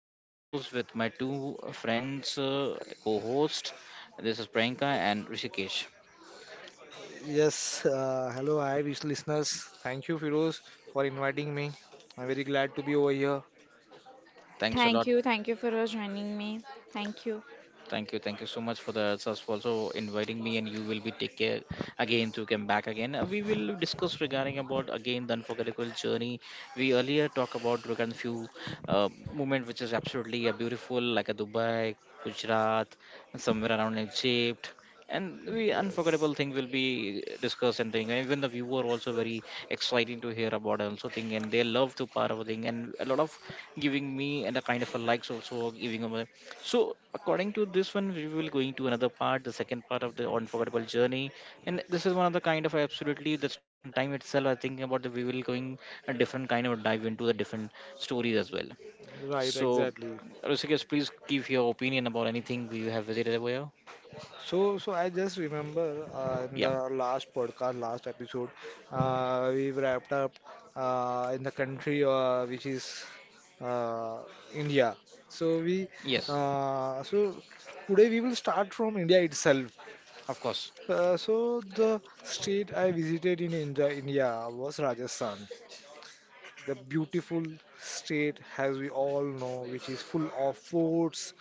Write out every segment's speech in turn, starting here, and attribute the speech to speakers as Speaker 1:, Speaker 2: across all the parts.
Speaker 1: I am Feroz with my two friends, co-host. This is Priyanka and Rishikesh.
Speaker 2: Yes, hello, hi, wish listeners. Thank you, Firoz, for inviting me. I'm very glad to be over here.
Speaker 1: Thanks a
Speaker 3: Thank
Speaker 1: lot.
Speaker 3: you. Thank you for joining me. Thank you.
Speaker 1: Thank you. Thank you so much for the answers for also inviting me and you will be take care again to come back again. We will discuss regarding about again the unforgettable journey. We earlier talk about regarding few moment which is absolutely a beautiful like a Dubai, Gujarat, and somewhere around Egypt. And we
Speaker 2: Yes.
Speaker 1: unforgettable thing will be discussed and thing. Even the viewer also very exciting to hear about also thing and they love to part of thing and a lot of giving me and a kind of a likes also giving them so, according to this one, we will going to another part, the second part of the unforgettable journey, and this is one of the kind of absolutely the starting time itself. I think about the we will going a different kind of dive into the different stories as well.
Speaker 2: Right,
Speaker 1: So,
Speaker 2: exactly.
Speaker 1: Rishikesh, please give your opinion about anything we have visited over here.
Speaker 2: So, I just remember in
Speaker 1: Yeah.
Speaker 2: the last podcast, last episode, we wrapped up in the country which is uh, India. So we,
Speaker 1: Yes.
Speaker 2: so today we will start from India itself.
Speaker 1: Of course.
Speaker 2: So the state I visited in India was Rajasthan. The beautiful state, as we all know, which is full of forts,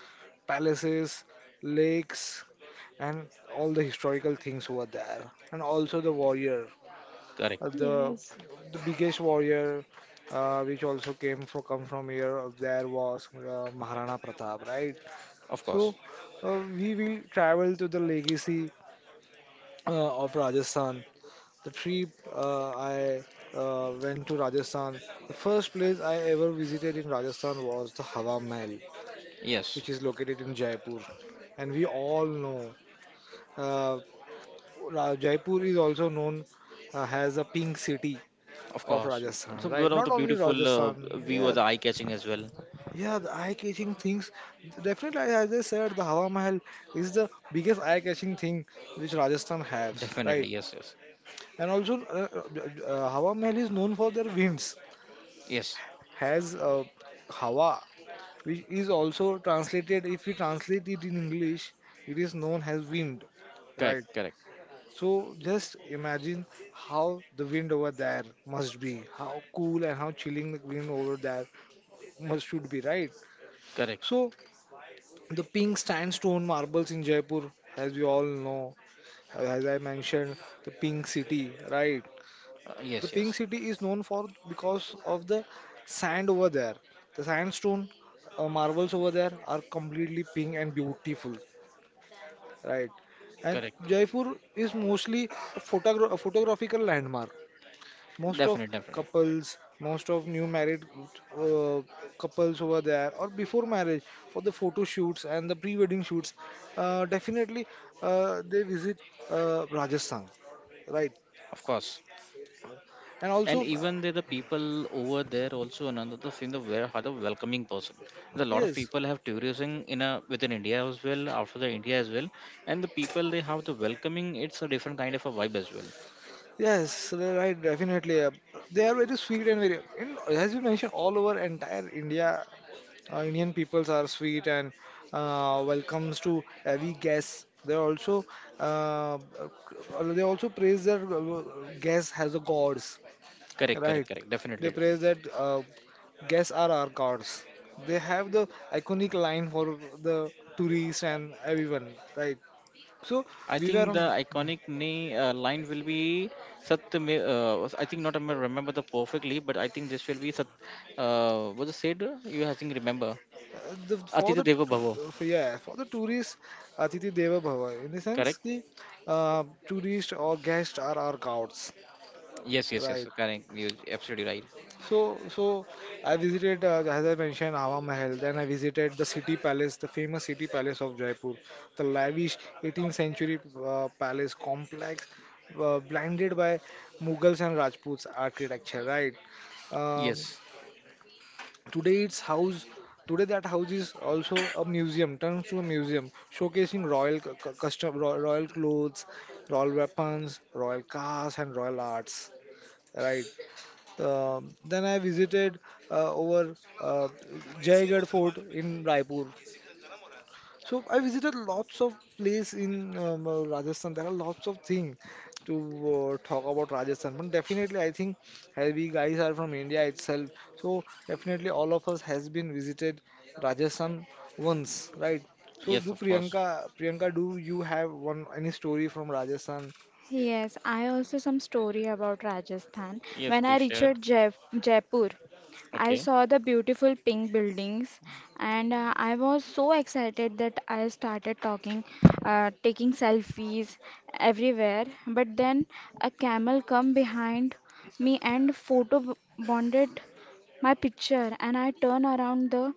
Speaker 2: palaces, lakes, and all the historical things over there. And also the warrior, uh,
Speaker 1: Correct.
Speaker 2: the
Speaker 3: Yes.
Speaker 2: the biggest warrior, which also came from come from here. There was Maharana Pratap, right?
Speaker 1: Of course.
Speaker 2: So we will travel to the legacy of Rajasthan. The trip I went to Rajasthan. The first place I ever visited in Rajasthan was the Hawa Mahal,
Speaker 1: Yes.
Speaker 2: which is located in Jaipur. And we all know uh, Jaipur is also known as the pink city
Speaker 1: Of
Speaker 2: of
Speaker 1: course. So
Speaker 2: Rajasthan,
Speaker 1: one
Speaker 2: right?
Speaker 1: of the
Speaker 2: Not only
Speaker 1: beautiful
Speaker 2: Rajasthan,
Speaker 1: view of
Speaker 2: yeah,
Speaker 1: the eye catching as well.
Speaker 2: yeah, the eye-catching things. Definitely, as I said, the Hawa Mahal is the biggest eye-catching thing which Rajasthan has, right?
Speaker 1: Definitely. Yes. Yes.
Speaker 2: And also, Hawa Mahal is known for their winds.
Speaker 1: Yes.
Speaker 2: Has Hawa, which is also translated, if you translate it in English, it is known as wind,
Speaker 1: Correct.
Speaker 2: right?
Speaker 1: Correct.
Speaker 2: So just imagine how the wind over there must be, how cool and how chilling the wind over there must should be, right?
Speaker 1: Correct.
Speaker 2: So the pink sandstone marbles in Jaipur, as we all know, as I mentioned, the pink city, right? The
Speaker 1: Yes.
Speaker 2: Pink
Speaker 1: Yes.
Speaker 2: City is known for because of the sand over there. The sandstone marbles over there are completely pink and beautiful, right? And
Speaker 1: Correct,
Speaker 2: Jaipur is mostly a photographical landmark. Most of
Speaker 1: definitely, definitely,
Speaker 2: couples, most of new married uh, couples over there, or before marriage for the photo shoots and the pre-wedding shoots, definitely they visit Rajasthan, right?
Speaker 1: of course.
Speaker 2: And
Speaker 1: And
Speaker 2: also,
Speaker 1: even the people over there also another the thing the very are the welcoming person, the lot of
Speaker 2: yes,
Speaker 1: people have tourism in a within India as well after the India as well, and the people they have the welcoming, it's a different kind of a vibe as well.
Speaker 2: yes, right, definitely. They are very sweet and very, in, as you mentioned, all over entire India, Indian peoples are sweet and welcomes to every guest. Uh, uh, they also praise their guests as the gods,
Speaker 1: Correct, correct,
Speaker 2: right?
Speaker 1: correct, definitely
Speaker 2: They
Speaker 1: different.
Speaker 2: praise that guests are our gods. They have the iconic line for the tourists and everyone, right? So
Speaker 1: I
Speaker 2: we were
Speaker 1: think
Speaker 2: on.
Speaker 1: the iconic line will be sat. I think not I remember the perfectly but I think this will be sat, what is said, you I think remember,
Speaker 2: Uh, the for
Speaker 1: atita
Speaker 2: the
Speaker 1: deva bhavo.
Speaker 2: For, yeah, for the tourists, Atiti Deva Bhava, in the sense
Speaker 1: Correct.
Speaker 2: ki tourists or guests are our gods,
Speaker 1: Yes, yes,
Speaker 2: right?
Speaker 1: yes. Correct. You're absolutely right.
Speaker 2: So I visited, as I mentioned, Hawa Mahal. Then I visited the city palace, the famous city palace of Jaipur, the lavish 18th century palace complex blinded by Mughals and Rajputs architecture, right? um,
Speaker 1: Yes.
Speaker 2: Today its house, today that house is also a museum, turns to a museum, showcasing royal custom, royal clothes, royal weapons, royal cars, and royal arts. Right. Then I visited over Jaigarh Fort in Raipur. So I visited lots of place in Rajasthan. There are lots of things to talk about Rajasthan. But definitely, I think as we guys are from India itself, so definitely all of us has been visited Rajasthan once, right? So
Speaker 1: Yes,
Speaker 2: do
Speaker 1: of course.
Speaker 2: Priyanka, Priyanka, do you have one any story from Rajasthan?
Speaker 3: Yes, I also some story about Rajasthan.
Speaker 1: Yes,
Speaker 3: When I
Speaker 1: please
Speaker 3: reached
Speaker 1: share it.
Speaker 3: Jaipur, I
Speaker 1: Okay. Of
Speaker 3: saw the beautiful pink buildings and I was so excited that I started taking selfies everywhere. But then a camel come behind me and bonded my picture and I turn around the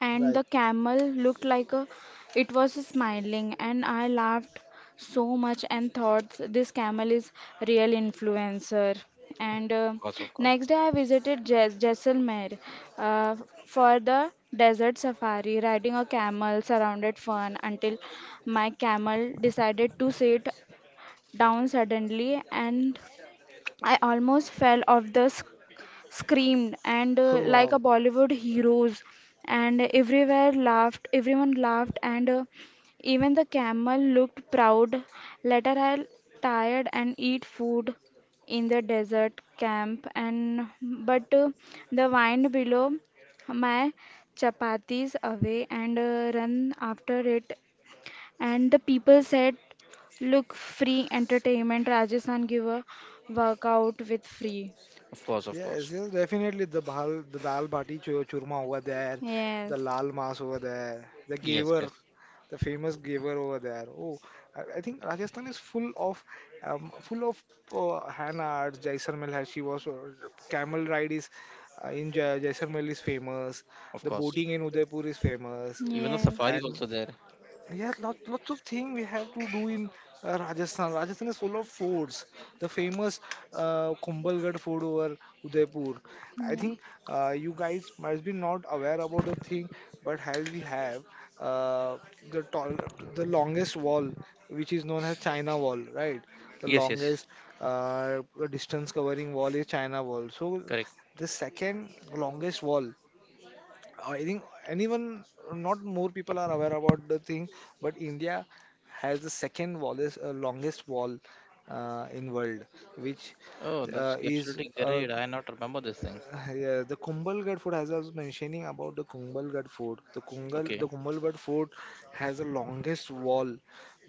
Speaker 3: and
Speaker 2: Right.
Speaker 3: the camel looked like a, it was smiling and I laughed so much and thought this camel is real influencer and
Speaker 1: course, of course.
Speaker 3: next day I visited Jaisalmer, uh, for the desert safari riding a camel surrounded fun until my camel decided to sit down suddenly and I almost fell off the screamed and
Speaker 2: Oh
Speaker 3: like
Speaker 2: wow.
Speaker 3: a Bollywood heroes and everywhere laughed everyone laughed and even the camel looked proud. Later I tired and eat food in the desert camp and but the wind below my chapatis away and run after it and the people said look free entertainment Rajasthan give a workout with free.
Speaker 1: Of course, of
Speaker 2: Yes,
Speaker 1: course.
Speaker 2: yes, definitely the dal bhati, churma over there,
Speaker 3: Yes.
Speaker 2: the
Speaker 3: Yes.
Speaker 2: lal mas over there, the
Speaker 1: Yes,
Speaker 2: gaver,
Speaker 1: yes.
Speaker 2: the famous gaver over there. Oh, I think Rajasthan is full of um, full of hand arts. Jaisalmer, she was camel ride is in Jaisalmer is famous.
Speaker 1: Of
Speaker 2: The
Speaker 1: course.
Speaker 2: boating in Udaipur is famous,
Speaker 1: Even the
Speaker 3: Yeah. Yeah.
Speaker 1: safari
Speaker 2: and
Speaker 1: also there.
Speaker 2: yeah, lots of things we have to do in Rajasthan. Rajasthan is full of forts. The famous Kumbhalgarh fort over Udaipur. I think
Speaker 3: Okay.
Speaker 2: you guys might be not aware about the thing, but as we have uh, the tall, the longest wall, which is known as China Wall, right? The
Speaker 1: Yes, yes.
Speaker 2: longest uh, distance covering wall is China Wall. So
Speaker 1: Correct.
Speaker 2: the second longest wall. I think anyone, not more people are aware about the thing, but India has the second wallest, longest wall in world, which
Speaker 1: Oh, that's
Speaker 2: is
Speaker 1: absolutely great. I not remember this thing.
Speaker 2: Yeah, the Kumbalgarh food, as I was mentioning about the Kumbalgarh food,
Speaker 1: Okay.
Speaker 2: the Kumbalgarh food has the longest wall,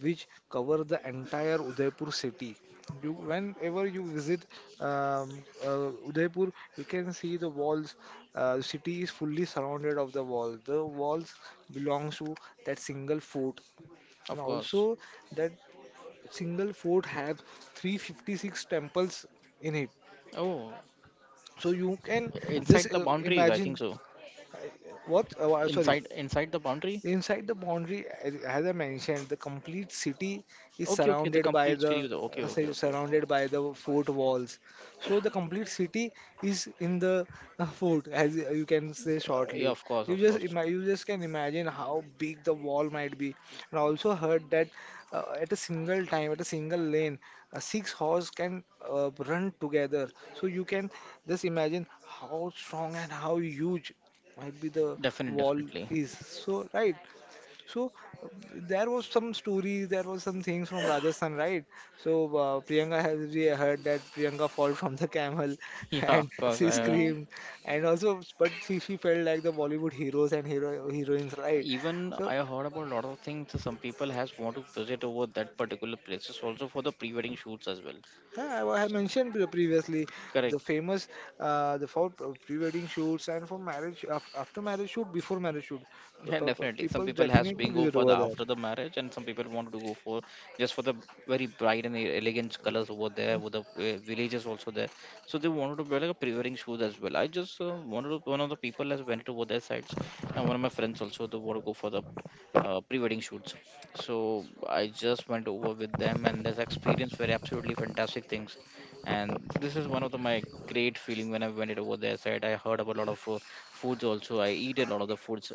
Speaker 2: which cover the entire Udaipur city. You, whenever you visit Udaipur, you can see the walls. City is fully surrounded of the wall. The walls belongs to that single fort, and
Speaker 1: Of course.
Speaker 2: also that single fort has 356 temples in it.
Speaker 1: Oh,
Speaker 2: So you can
Speaker 1: inside
Speaker 2: just
Speaker 1: the boundaries, I think
Speaker 2: imagine.
Speaker 1: so.
Speaker 2: What? Sorry.
Speaker 1: Inside, inside the boundary.
Speaker 2: Inside the boundary, as I mentioned, the complete city is
Speaker 1: Okay, okay. The
Speaker 2: surrounded by
Speaker 1: complete
Speaker 2: the
Speaker 1: series. Okay, okay, okay.
Speaker 2: surrounded by the fort walls. So the complete city is in the fort, as you can say
Speaker 1: Yeah, yeah,
Speaker 2: shortly.
Speaker 1: of course, of course.
Speaker 2: You just can imagine how big the wall might be. And I also heard that at a single time, at a single lane, six horse can run together. So you can just imagine how strong and how huge might be the
Speaker 1: Definitely,
Speaker 2: wall
Speaker 1: definitely.
Speaker 2: is, so right. So uh, there was some stories, there was some things from Rajasthan, right? So Priyanka has, we heard that Priyanka fall from the camel
Speaker 1: Yeah,
Speaker 2: and
Speaker 1: of course.
Speaker 2: she
Speaker 1: I
Speaker 2: screamed, and also but she felt like the Bollywood heroes and hero heroines, right?
Speaker 1: even
Speaker 2: So
Speaker 1: I heard about a lot of things, some people has want to visit over that particular places also for the pre-wedding shoots as well.
Speaker 2: yeah, I mentioned previously the
Speaker 1: Correct.
Speaker 2: famous uh, the for pre-wedding shoots and for marriage after marriage shoot before marriage shoot.
Speaker 1: Yeah, definitely. Some
Speaker 2: People
Speaker 1: people has
Speaker 2: definitely
Speaker 1: been go
Speaker 2: visit
Speaker 1: for the
Speaker 2: over there,
Speaker 1: after the marriage, and some people want to go for just for the very bright and elegant colors over there, with the villages also there. So they wanted to wear like a pre-wedding shoes as well. I just wanted to, one of the people has went over their sides, and one of my friends also they want to go for the pre-wedding shoots. So I just went over with them, and this experience were absolutely fantastic things. And this is one of the, my great feeling when I went it over there. Side I heard about a lot of foods also. I eat a lot of the foods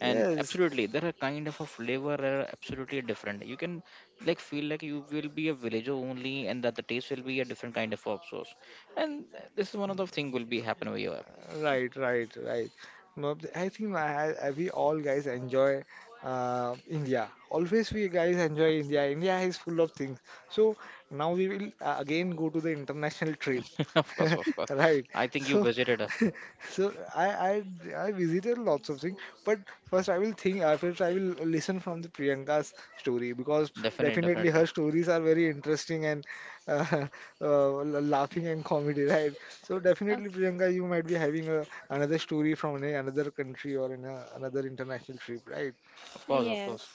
Speaker 1: and
Speaker 2: yes.
Speaker 1: absolutely there are kind of a flavor are absolutely different, you can like feel like you will be a villager only and that the taste will be a different kind of hot sauce and this is one of the thing will be happen over here.
Speaker 2: Right, right, right. No, I think we all guys enjoy India. Always we guys enjoy India. India is full of things. So now we will again go to the international trip.
Speaker 1: Of course, of course.
Speaker 2: Right.
Speaker 1: I think you
Speaker 2: So,
Speaker 1: visited
Speaker 2: so I visited lots of things. But first I will think, first I will listen from the Priyanka's story because
Speaker 1: definitely,
Speaker 2: definitely
Speaker 1: definitely,
Speaker 2: her stories are very interesting and uh, laughing and comedy, right? So definitely, Priyanka, you might be having a, another story from an, another country or in a, another international trip, right?
Speaker 1: of course, of
Speaker 3: Yes.
Speaker 1: course.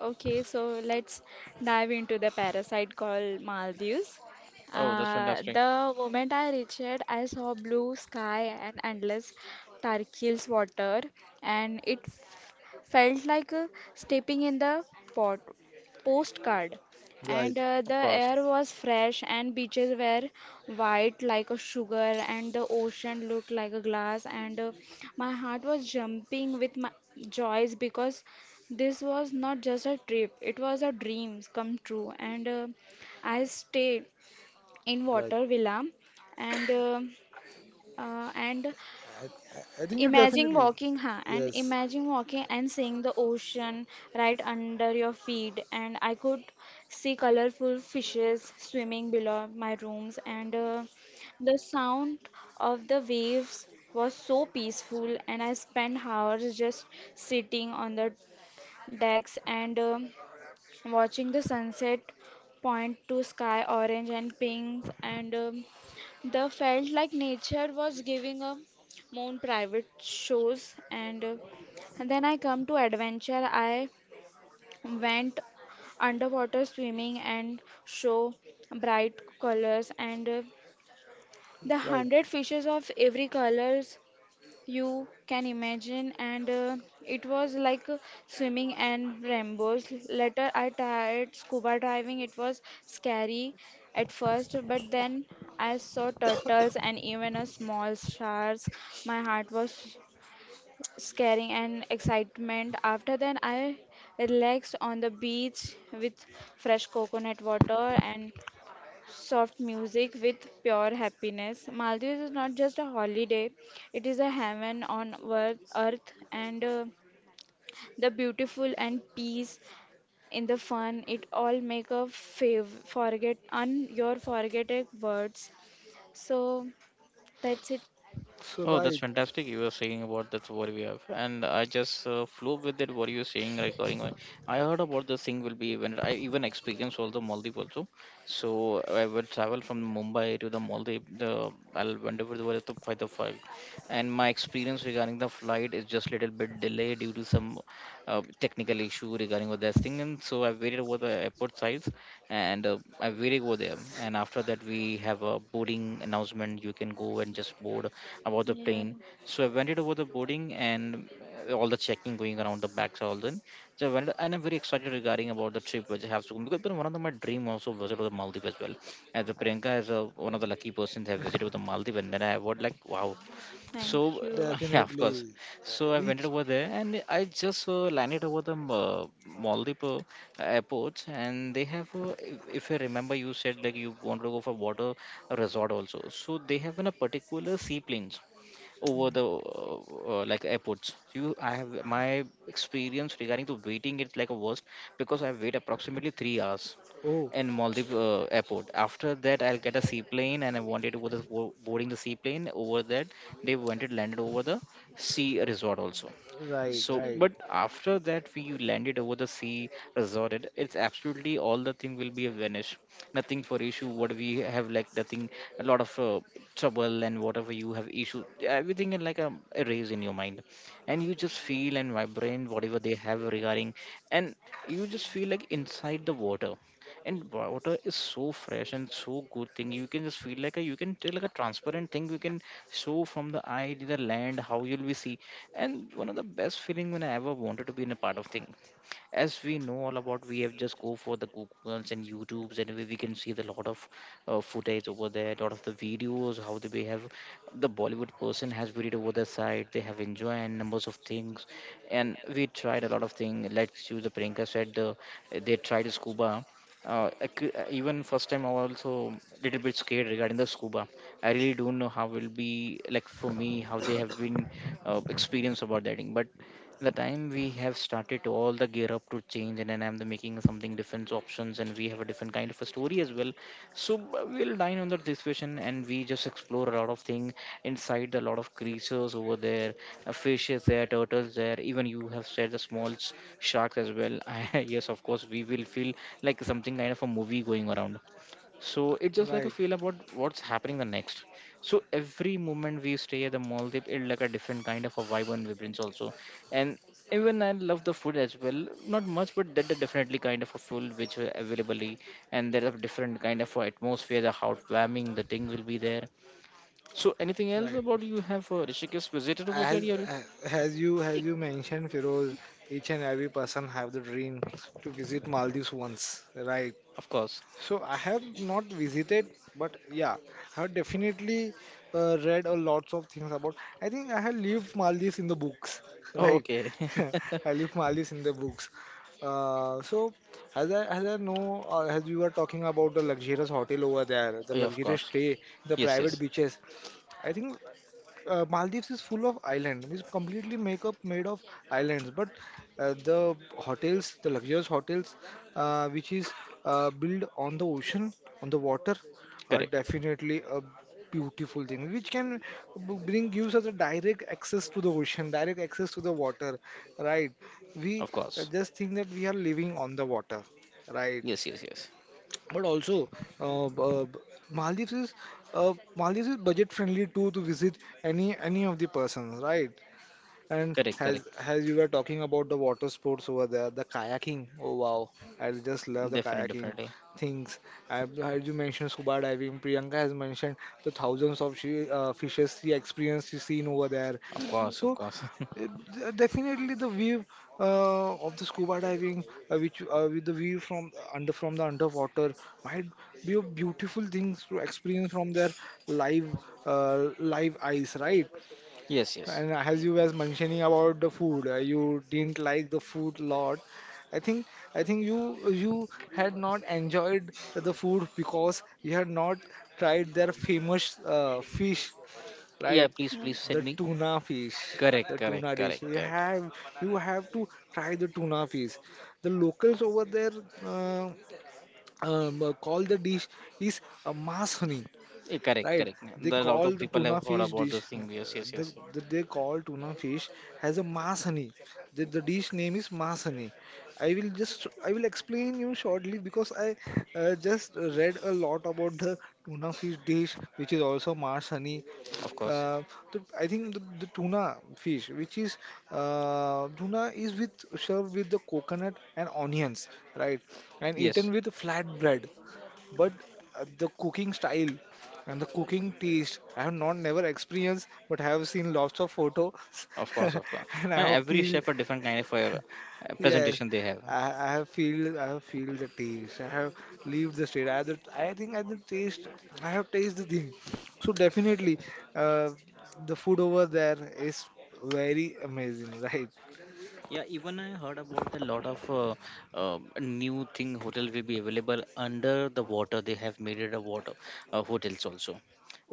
Speaker 3: Okay, so let's dive into the parasite called Maldives.
Speaker 1: Oh, that's fantastic.
Speaker 3: The moment I reached, I saw blue sky and endless turquoise water, and it felt like stepping in the pot postcard.
Speaker 2: Right,
Speaker 3: And the
Speaker 1: Of course.
Speaker 3: air was fresh, and beaches were white like a sugar, and the ocean looked like a glass. And my heart was jumping with my joys because this was not just a trip, it was a dream come true. And I stayed in
Speaker 2: right.
Speaker 3: Water Villa and uh, and
Speaker 2: I think you
Speaker 3: imagine
Speaker 2: definitely,
Speaker 3: walking, huh? And
Speaker 2: yes,
Speaker 3: imagine walking and seeing the ocean right under your feet. And I could see colorful fishes swimming below my rooms. And the sound of the waves was so peaceful. And I spent hours just sitting on the decks and watching the sunset point to sky orange and pink and the felt like nature was giving a moon private shows and then I come to adventure. I went underwater swimming and show bright colors and the
Speaker 2: right.
Speaker 3: hundred fishes of every colors you can imagine and it was like swimming and rainbows. Later I tried scuba diving. It was scary at first, but then I saw turtles and even a small sharks. My heart was scaring and excitement. After then I relaxed on the beach with fresh coconut water and soft music with pure happiness. Maldives is not just a holiday, it is a heaven on earth, and the beautiful and peace in the fun it all make a fav forget un your forgetting words. So that's it.
Speaker 2: So
Speaker 1: Oh, that's
Speaker 2: right,
Speaker 1: fantastic. You were saying about that's what we have, and I just flew with it. What you were saying regarding, I heard about the thing will be when I even experienced also Maldives also. So I will travel from Mumbai to the Maldives. The I'll went over the was to by the flight, and my experience regarding the flight is just little bit delayed due to some technical issue regarding with that thing. And so I waited over the airport side and I really go there. And after that, we have a boarding announcement. You can go and just board about the
Speaker 3: Yeah.
Speaker 1: plane. So I went it over the boarding and all the checking going around the back all then. So I went, and I'm very excited regarding about the trip which I have to go because one of my dream also visit to the Maldives as well. As a
Speaker 2: I-
Speaker 1: Priyanka as a, one of the lucky persons have visited the Maldives, and then I was like, wow, so
Speaker 3: Thank you.
Speaker 1: yeah, of course.
Speaker 2: definitely.
Speaker 1: So I went
Speaker 2: Each
Speaker 1: over there and I just landed over the Maldives airport, and they have, if I remember, you said like you want to go for water resort also. So they have in a particular seaplane over the like airports, you I have my experience regarding to waiting, it's like a worst because I wait approximately 3 hours
Speaker 2: oh,
Speaker 1: in Maldives airport. After that, I'll get a seaplane, and I wanted to go the, boarding the seaplane over that. They wanted landed over the sea resort also.
Speaker 2: right,
Speaker 1: So,
Speaker 3: Okay.
Speaker 2: right,
Speaker 1: but after that we landed over the sea, resorted. It's absolutely all the thing will be a vanish. Nothing for issue. What we have like nothing. A lot of trouble and whatever you have issue. Everything in like a erase in your mind, and you just feel and vibrate whatever they have regarding, and you just feel like inside the water and water is so fresh and so good thing, you can just feel like a you can tell like a transparent thing, you can show from the eye to the land how you'll be see, and one of the best feeling when I ever wanted to be in a part of thing, as we know all about we have just go for the googles and youtubes and where we can see the lot of footage over there, lot of the videos how they have the bollywood person has put over the side they have enjoy and numbers of things, and we tried a lot of things, let's use the Priyanka said the, they tried scuba. I even first time I was also little bit scared regarding the scuba. I really don't know how will be like for me how they have been experience about that thing. But the time we have started to all the gear up to change and then I'm the making something different options and we have a different kind of a story as well, so we'll dine on that situation and we just explore a lot of thing inside, a lot of creatures over there, fish there, turtles there, even you have said the small sharks as well. I, yes, of course we will feel like something kind of a movie going around, so it's just like a
Speaker 2: right,
Speaker 1: feel about what's happening the next. So every moment we stay at the Maldives, it's like a different kind of a vibe and vibrance also. And even I love the food as well. Not much, but that definitely kind of a food which are available. And there are different kind of atmosphere, the how warming the thing will be there. So anything else about
Speaker 2: right.
Speaker 1: you have Rishikesh visited over there?
Speaker 2: As
Speaker 1: Yeah,
Speaker 2: as you mentioned, Feroz, each and every person have the dream to visit Maldives once, right?
Speaker 1: of course.
Speaker 2: So I have not visited, but yeah, I have definitely read a lots of things about. I think I have lived Maldives in the books,
Speaker 1: Oh,
Speaker 2: right?
Speaker 1: okay.
Speaker 2: I lived Maldives in the books. So as I know, as we were talking about the luxurious hotel over there, the
Speaker 1: Yeah, of
Speaker 2: luxurious
Speaker 1: course.
Speaker 2: stay, the
Speaker 1: Yes,
Speaker 2: private
Speaker 1: yes.
Speaker 2: beaches. I think Maldives is full of island. It's completely make up made of islands. But the hotels, the luxurious hotels, which is built on the ocean, on the water, are
Speaker 1: Correct.
Speaker 2: definitely a beautiful thing, which can bring gives us a direct access to the ocean, direct access to the water, right? We
Speaker 1: Of course.
Speaker 2: just think that we are living on the water, right?
Speaker 1: Yes, yes, yes.
Speaker 2: But also, uh, uh, Maldives is Maldives is budget friendly too to visit any of the persons, right? And
Speaker 1: Correct,
Speaker 2: as
Speaker 1: correct.
Speaker 2: as you were talking about the water sports over there, the kayaking. Oh wow, I just love the
Speaker 1: Definitely,
Speaker 2: kayaking
Speaker 1: definitely.
Speaker 2: things. I heard you mentioned scuba diving. Priyanka has mentioned the thousands of fishes she experienced, she seen over there.
Speaker 1: Of course,
Speaker 3: Yes.
Speaker 1: of
Speaker 2: So
Speaker 1: course.
Speaker 2: uh, definitely the view of the scuba diving, which with the view from the underwater, might be a beautiful things to experience from their live live eyes, right?
Speaker 1: Yes, yes.
Speaker 2: And as you was mentioning about the food, you didn't like the food lot. I think you had not enjoyed the food because you had not tried their famous fish,
Speaker 1: Yeah,
Speaker 2: right?
Speaker 1: please,
Speaker 3: Yeah.
Speaker 1: please send
Speaker 2: The
Speaker 1: me.
Speaker 2: tuna fish,
Speaker 1: Correct,
Speaker 2: the tuna
Speaker 1: correct,
Speaker 2: dish.
Speaker 1: correct, correct.
Speaker 2: You have to try the tuna fish. The locals over there uh, call the dish is a masoni,
Speaker 1: Yeah, correct,
Speaker 2: right?
Speaker 1: correct.
Speaker 2: They
Speaker 1: The lot
Speaker 2: call
Speaker 1: of
Speaker 2: the
Speaker 1: people
Speaker 2: tuna
Speaker 1: have heard
Speaker 2: fish
Speaker 1: about
Speaker 2: dish,
Speaker 1: this thing. Yes, yes, yes, yes.
Speaker 2: they call tuna fish as a maas honey. The dish name is maas honey. I will explain you shortly because I just read a lot about the tuna fish dish, which is also maas honey.
Speaker 1: Of course.
Speaker 2: Uh, I think the tuna fish, which is tuna, is with served with the coconut and onions, right, and eaten
Speaker 1: Yes,
Speaker 2: with flat bread but the cooking style and the cooking taste I have not never experienced but I have seen lots of photos
Speaker 1: of course, of course.
Speaker 2: and I have
Speaker 1: Every
Speaker 2: feel.
Speaker 1: chef a different kind of
Speaker 2: Yes,
Speaker 1: presentation they have.
Speaker 2: I have feel. I have feel the taste. I have lived the state. I have the, I think I the taste. I have taste the thing. So definitely uh, the food over there is very amazing, right?
Speaker 1: Yeah, even I heard about a lot of new thing hotel will be available under the water. They have made it a water hotels also,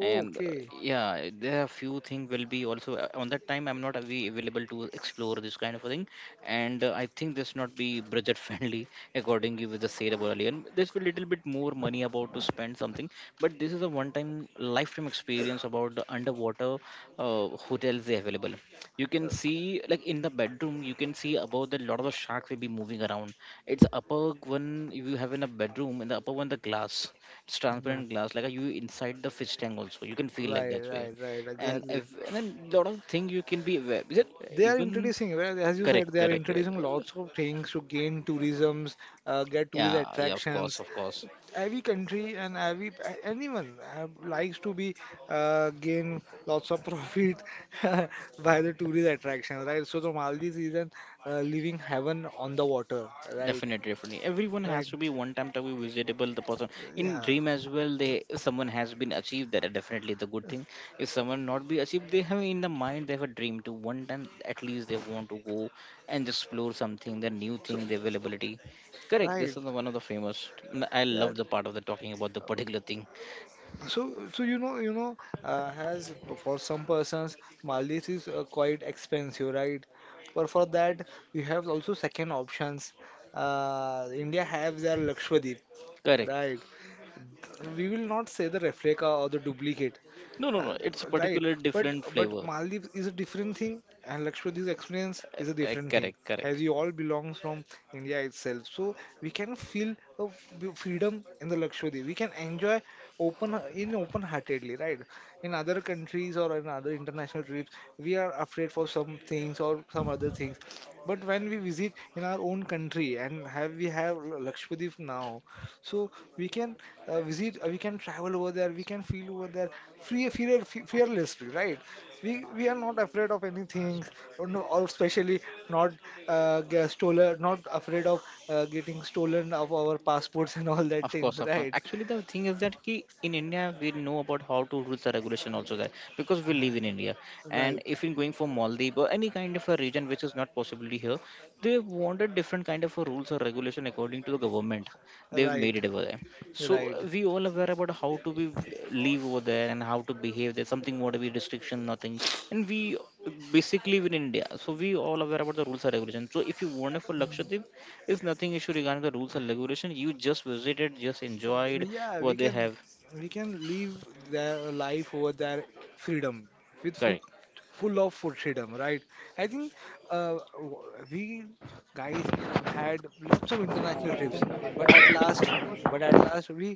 Speaker 1: and yeah, there are few things will be also on that time. I'm not available to explore this kind of a thing, and I think this not be budget friendly according you with the said about earlier. And this will little bit more money about to spend something, but this is a one time lifetime experience about the underwater hotels they available, you can
Speaker 2: uh,
Speaker 1: see like in the bedroom you can see above that lot of the sharks will be moving around, it's upper one you have in a bedroom in the upper one the glass, it's transparent
Speaker 2: right,
Speaker 1: glass like a, you inside the fish tank also you can feel like
Speaker 2: right
Speaker 1: that way
Speaker 2: right, right,
Speaker 1: and
Speaker 2: exactly.
Speaker 1: if and then lot of thing you can be aware is it
Speaker 2: They are
Speaker 1: even
Speaker 2: introducing, well, as you said,
Speaker 1: correct,
Speaker 2: they are
Speaker 1: correct, correct.
Speaker 2: introducing
Speaker 1: Uh,
Speaker 2: lots of things to gain tourisms, get tourist
Speaker 1: yeah yeah of course,
Speaker 2: attractions.
Speaker 1: of course.
Speaker 2: Every country and anyone likes to be, gain lots of profit by the tourist attractions, right? So the Maldives is an living heaven on the water, right?
Speaker 1: Definitely, definitely. Everyone
Speaker 2: Right.
Speaker 1: has to be one time to be visitable. The person in
Speaker 2: Yeah.
Speaker 1: dream as well. They someone has been achieved that. Definitely, the good thing. If someone not be achieved, they have in the mind they have a dream to one time at least they want to go and explore something, the new
Speaker 2: So
Speaker 1: thing, the availability. Correct.
Speaker 2: right.
Speaker 1: This is the one of the famous. I
Speaker 2: Yeah.
Speaker 1: love the part of the talking about the particular thing.
Speaker 2: So, has for some persons, Maldives is quite expensive, right? But for that, we have also second options. India have their Lakshadweep,
Speaker 1: Correct.
Speaker 2: right? We will not say the replica or the duplicate,
Speaker 1: No, no,
Speaker 2: uh,
Speaker 1: no. It's a
Speaker 2: right,
Speaker 1: particular
Speaker 2: but
Speaker 1: different
Speaker 2: but
Speaker 1: flavor.
Speaker 2: Maldives is a different thing, and Lakshadweep's experience
Speaker 1: Uh,
Speaker 2: is a different thing,
Speaker 1: correct,
Speaker 2: as
Speaker 1: correct.
Speaker 2: you all belongs from India itself. So we can feel a freedom in the Lakshadweep. We can enjoy open in open-heartedly, right? In other countries or in other international trips, we are afraid for some things or some other things. But when we visit in our own country and have we have Lakshadweep now, so we can visit, we can travel over there, we can feel over there free, fear, fearlessly, right? We are not afraid of anything, or no, or especially not get stolen, not afraid of getting stolen of our passports and all that
Speaker 1: Of
Speaker 2: things,
Speaker 1: course, of course.
Speaker 2: right?
Speaker 1: Actually, the thing is that ki in India we know about how to rules the regulation also there because we live in India. And
Speaker 2: Right,
Speaker 1: if you're going for Maldives or any kind of a region which is not possibly here, they wanted different kind of a rules or regulation according to the government. They've
Speaker 2: right,
Speaker 1: made it over there. So
Speaker 2: right.
Speaker 1: we all aware about how to be live over there and how to behave there. Something what be restriction, nothing. And we basically in India, so we all aware about the rules and regulations. So if you want it for Lakshadweep, it's nothing issue regarding the rules and regulation. You just visited, just enjoyed
Speaker 2: Yeah,
Speaker 1: what they have.
Speaker 2: we can live their life over their freedom with full
Speaker 1: Correct.
Speaker 2: full of full freedom, right? I think uh, w- we guys had lots of international trips, but at last, but at last we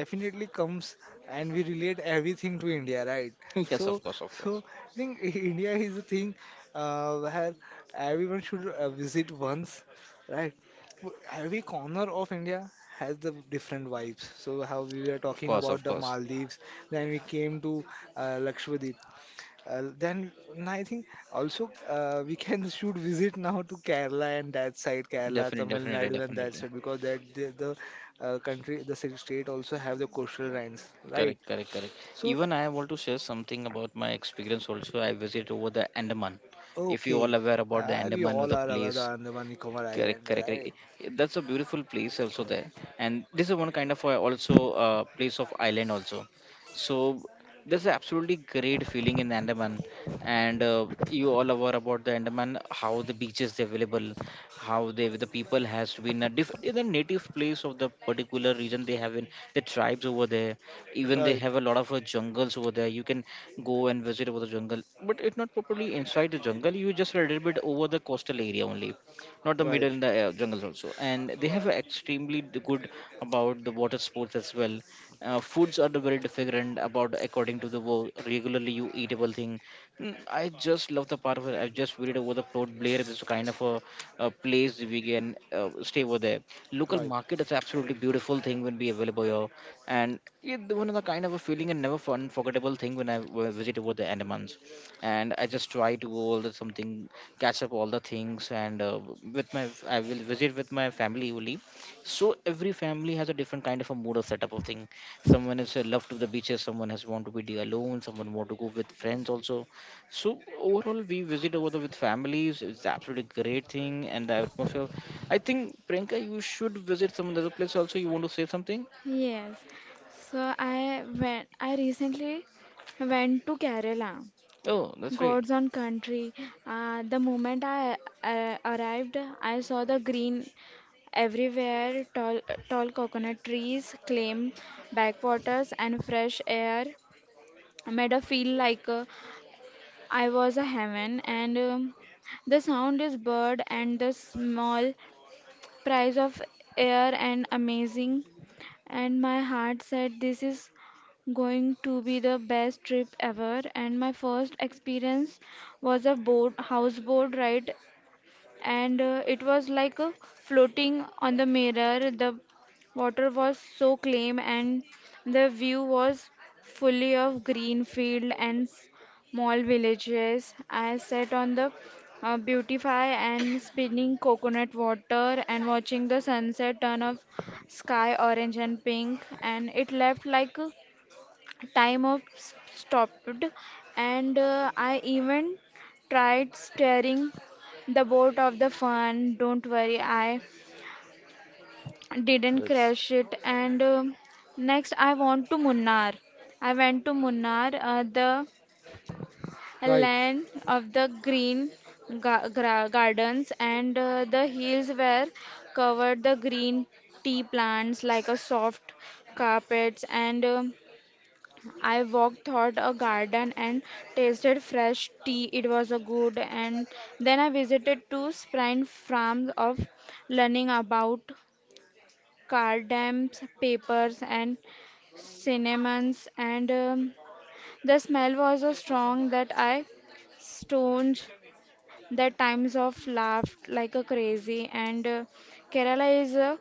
Speaker 2: definitely comes and we relate everything to India, right?
Speaker 1: Yes,
Speaker 2: So
Speaker 1: of course, of
Speaker 2: so
Speaker 1: course,
Speaker 2: I think India is a thing where everyone should visit once, right? Every corner of India has the different vibes. So how we were
Speaker 1: of
Speaker 2: talking
Speaker 1: course, of
Speaker 2: about the
Speaker 1: course.
Speaker 2: Maldives, then we came to Lakshadweep. Then and I think also we can should visit now to Kerala and that side, Kerala,
Speaker 1: Definitely,
Speaker 2: Tamil
Speaker 1: definitely,
Speaker 2: Nadu and that
Speaker 1: definitely.
Speaker 2: side because that the country, the state also have the coastal lines, right?
Speaker 1: Correct, correct, correct.
Speaker 2: So
Speaker 1: Even I want to share something about my experience also. I visited over the Andaman. If you all
Speaker 2: okay,
Speaker 1: aware about the
Speaker 2: we
Speaker 1: Andaman or
Speaker 2: all
Speaker 1: the
Speaker 2: are aware the
Speaker 1: place,
Speaker 2: Andaman Nicobar
Speaker 1: correct,
Speaker 2: Island,
Speaker 1: correct, correct.
Speaker 2: right?
Speaker 1: Eh, that's a beautiful place also there, and this is one kind of also place of island also. So there's absolutely great feeling in Andaman, and you all aware about the Andaman, how the beaches available, how they the people has to be in a different in the native place of the particular region they have in the tribes over there. Even they
Speaker 2: Right,
Speaker 1: have a lot of jungles over there. You can go and visit over the jungle, but it's not properly inside the jungle. You just a little bit over the coastal area only, not the middle
Speaker 2: right,
Speaker 1: in the jungles also, and they have a extremely good about the water sports as well. Foods are the very different about according to the regularly you eatable thing. Mm, I just love the part where I just read over the Port Blair is kind of a place we can stay over there. Local
Speaker 2: right.
Speaker 1: market is absolutely beautiful thing when be available here, and it, one of the kind of a feeling and never fun forgettable thing when I visit over the Andamans, and I just try to go all the something, catch up all the things, and with my, I will visit with my family only. So every family has a different kind of a mood or setup of thing. Someone is love to the beaches, someone has want to be the alone, someone want to go with friends also. So overall, we visit over the with families. It's absolutely great thing, and the atmosphere. I think Priyanka, you should visit some other place also. You want to say something?
Speaker 3: Yes. So I went I recently went to Kerala.
Speaker 1: Oh, that's right.
Speaker 3: God's own country. The moment I arrived, I saw the green everywhere, tall, tall coconut trees, clam backwaters, and fresh air made a feel like I was a heaven. And the sound is bird and the small price of air and amazing. And my heart said, this is going to be the best trip ever. And my first experience was houseboat ride and it was like floating on the mirror. The water was so clean, and the view was fully of green field and small villages. I sat on the beautify and spinning coconut water and watching the sunset turn of sky orange and pink, and it left like a time of stopped, and I even tried steering the boat of the fun. Don't worry, I didn't crash it. And next I want to munnar I went to Munnar, the
Speaker 2: Yes. Right.
Speaker 3: land of the green gardens, and the hills were covered the green tea plants like a soft carpets. And I walked through a garden and tasted fresh tea. It was a good. And then I visited two spring farms of learning about cardams, papers, and cinnamons. And the smell was so strong that I stoned the times of laughed like a crazy. And Kerala is a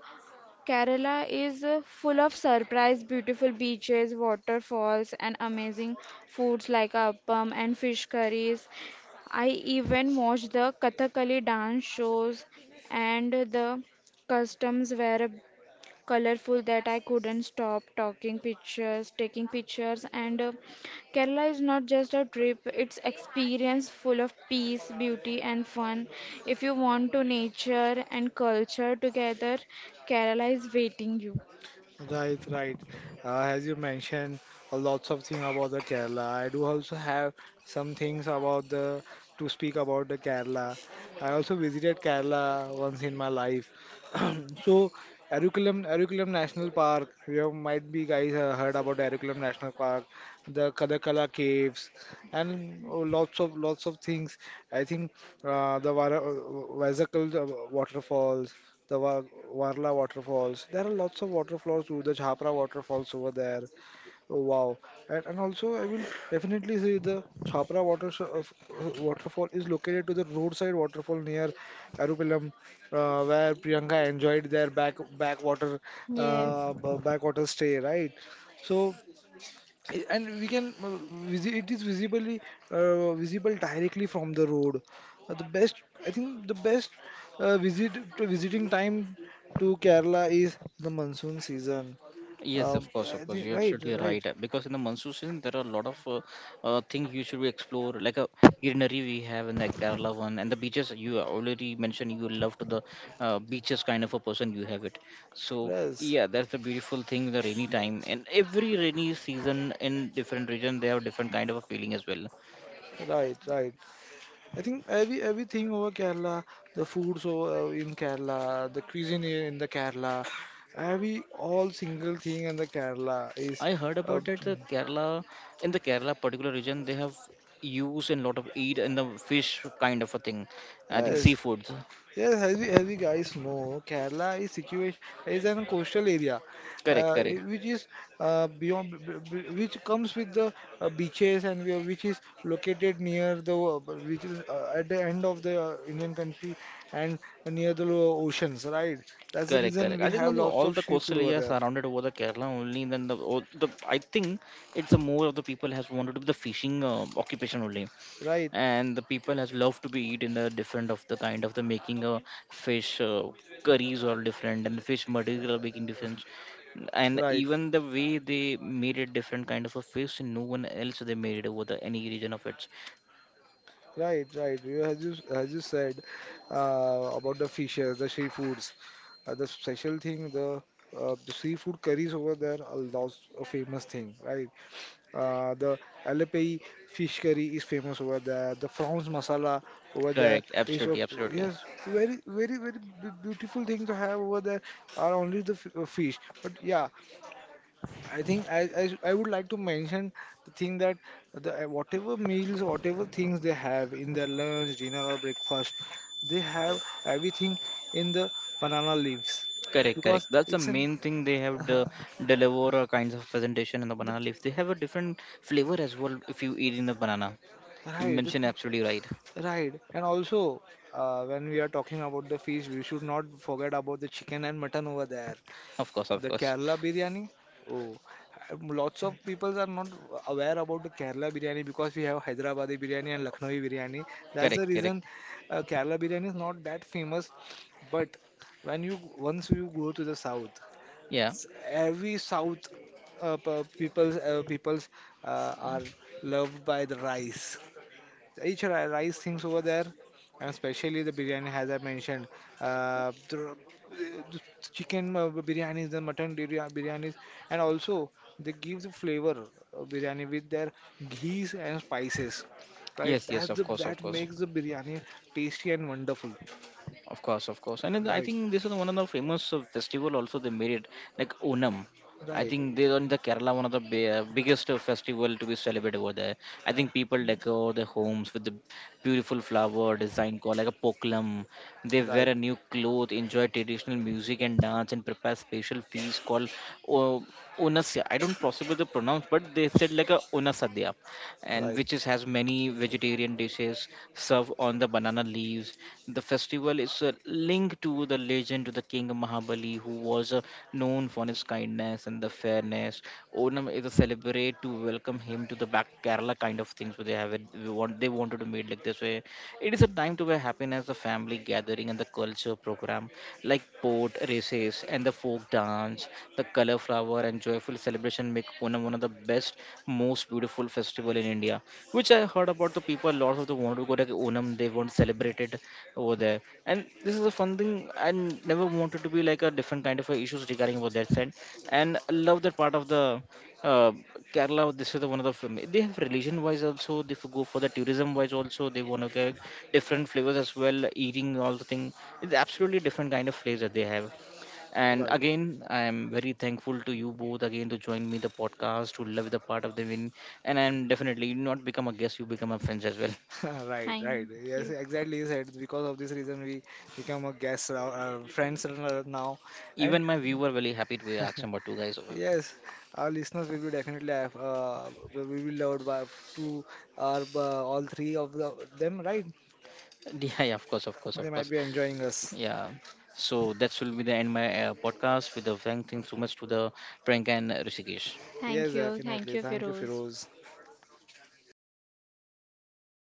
Speaker 3: Kerala is full of surprise, beautiful beaches, waterfalls, and amazing foods like appam and fish curries. I even watch the Kathakali dance shows and the customs where colorful that I couldn't stop taking pictures. And Kerala is not just a trip; it's experience full of peace, beauty, and fun. If you want to nature and culture together, Kerala is waiting you.
Speaker 2: Right, right. As you mentioned, a lots of thing about the Kerala. I do also have some things about the to speak about the Kerala. I also visited Kerala once in my life. So, Erikulam, Erikulam National Park. You might be guys heard about Erikulam National Park, the Kadakala Caves, and oh, lots of things. I think the Vazakal waterfalls, the Wa- Warla waterfalls. There are lots of waterfalls too, the Chhapra waterfalls over there. Oh, wow. And also, I will definitely say the Chhapra water, waterfall is located to the roadside waterfall near Arupilam, where Priyanka enjoyed their backwater
Speaker 3: Yes.
Speaker 2: backwater stay, right? So. And we can it is visibly visible directly from the road. The best I think the best visit to visiting time to Kerala is the monsoon season.
Speaker 1: Yes, of
Speaker 2: um,
Speaker 1: course,
Speaker 2: I
Speaker 1: of course.
Speaker 2: think,
Speaker 1: You're
Speaker 2: right
Speaker 1: absolutely
Speaker 2: right.
Speaker 1: right. Because in the monsoon season, there are a lot of things you should explore, like a greenery we have in the Kerala one, and the beaches. You already mentioned you love to the beaches kind of a person. You have it. So
Speaker 2: Yes,
Speaker 1: yeah, that's the beautiful thing. The rainy time and every rainy season in different region, they have different kind of a feeling as well.
Speaker 2: right right. I think every everything over Kerala, the foods over in Kerala, the cuisine in the Kerala, every all single thing in the Kerala is
Speaker 1: I heard
Speaker 2: uh,
Speaker 1: about that the Kerala, in the Kerala particular region, they have use and lot of eat and the fish kind of a thing. I think
Speaker 2: yes.
Speaker 1: seafoods.
Speaker 2: Yes, as you guys know, Kerala is situation is an coastal area,
Speaker 1: Correct, correct.
Speaker 2: which is beyond, which comes with the beaches and which is located near the which is at the end of the Indian country and near the oceans, right? That's the
Speaker 1: Correct,
Speaker 2: reason
Speaker 1: correct.
Speaker 2: we
Speaker 1: I think
Speaker 2: have
Speaker 1: on the
Speaker 2: lots
Speaker 1: all
Speaker 2: of
Speaker 1: the coastal
Speaker 2: seafood over
Speaker 1: areas
Speaker 2: there,
Speaker 1: surrounded over the Kerala only. Then the, all the I think it's the more of the people has wanted to be the fishing occupation only,
Speaker 2: right?
Speaker 1: and the people has loved to be eat in the different of the kind of the making a fish curries or different and the fish material making different, and
Speaker 2: Right.
Speaker 1: even the way they made it different kind of a fish, no one else they made it over the any region of it.
Speaker 2: Right, right. You- as you said about the fishes, the seafoods, the special thing, the seafood curries over there are lots of famous thing, right? The Alapay fish curry is famous over there. The prawns masala over there
Speaker 1: Correct,
Speaker 2: is
Speaker 1: absolutely,
Speaker 2: of
Speaker 1: absolutely.
Speaker 2: yes, very very very beautiful thing to have over there are only the fish. But yeah, I think I would like to mention the thing that the whatever meals, whatever things they have in their lunch, dinner or breakfast, they have everything in the banana leaves
Speaker 1: Correct, correct.
Speaker 2: because
Speaker 1: That's the
Speaker 2: it's an
Speaker 1: main thing they have to deliver a kinds of presentation in the
Speaker 2: the
Speaker 1: banana leaf. They have a different flavor as well if you eat in the banana. You
Speaker 2: right the,
Speaker 1: mentioned absolutely right.
Speaker 2: right and also when we are talking about the fish, we should not forget about the chicken and mutton over there.
Speaker 1: Of course, of
Speaker 2: The
Speaker 1: course.
Speaker 2: Kerala biryani? Oh, lots of people are not aware about the Kerala biryani because we have Hyderabadi biryani and Lucknowi biryani. That's the
Speaker 1: Correct, correct.
Speaker 2: reason Kerala biryani is not that famous. But when you once you go to the south,
Speaker 1: Yeah.
Speaker 2: every south people's are loved by the rice, each rice things over there, and especially the biryani, as I mentioned, uh, the, the chicken biryanis, the mutton biryanis, and also they give the flavor of biryani with their ghees and spices, right?
Speaker 1: Yes, yes,
Speaker 2: That's
Speaker 1: of
Speaker 2: the,
Speaker 1: course, of
Speaker 2: that
Speaker 1: course.
Speaker 2: makes the biryani tasty and wonderful,
Speaker 1: Of course, of course, and then I
Speaker 2: right?
Speaker 1: think this is one of the famous festival also they made it like Onam. I
Speaker 2: Right,
Speaker 1: think they on the Kerala one of the biggest festival to be celebrated over there. I think people decor their homes with the beautiful flower design called like a pokalam. They wear
Speaker 2: right,
Speaker 1: a new cloth, enjoy traditional music and dance, and prepare special feast called o- Onasya. I don't possibly to pronounce, but they said like a Onasadya, and
Speaker 2: right,
Speaker 1: which is, has many vegetarian dishes served on the banana leaves. The festival is a link to the legend of the king Mahabali, who was known for his kindness and the fairness. Onam is a celebrate to welcome him to the back Kerala kind of things. Where they have it, they want they wanted to made like this way, it is a time to where happiness, the family gathering, and the culture program like boat races and the folk dance, the color flower and joyful celebration make Onam one of the best, most beautiful festival in India. Which I heard about the people, lots of the want to go to Onam, they want to celebrate it over there. And this is a fun thing. I never wanted to be like a different kind of a issues regarding about that side. And I love that part of the uh, Kerala, this is the one of the film. They have religion wise also. They go for the tourism wise also. They want to get different flavors as well. Eating all the thing. It's absolutely different kind of flavors that they have. And
Speaker 2: right.
Speaker 1: again, I am very thankful to you both again to join me the podcast to love the part of the win. And I'm definitely you not become a guest. You become a friends as well.
Speaker 2: Right,
Speaker 3: Thank
Speaker 2: right. Yes,
Speaker 3: you.
Speaker 2: exactly. You said because of this reason we become a guest, friends now, and
Speaker 1: Even my viewer very happy to be asked number two guys.
Speaker 2: yes, our listeners will be definitely will be loved by two or all three of the, them, right?
Speaker 1: Yeah, yeah, of course, of course,
Speaker 2: They
Speaker 1: of
Speaker 2: might
Speaker 1: course.
Speaker 2: be enjoying us.
Speaker 1: Yeah. So that will be the end my podcast with the thanks so much to the Priyanka and Rishikesh.
Speaker 3: Thank
Speaker 2: Yes,
Speaker 3: you. Thank
Speaker 2: definitely.
Speaker 3: you,
Speaker 2: Thank you,
Speaker 3: Feroz.
Speaker 2: Firoz.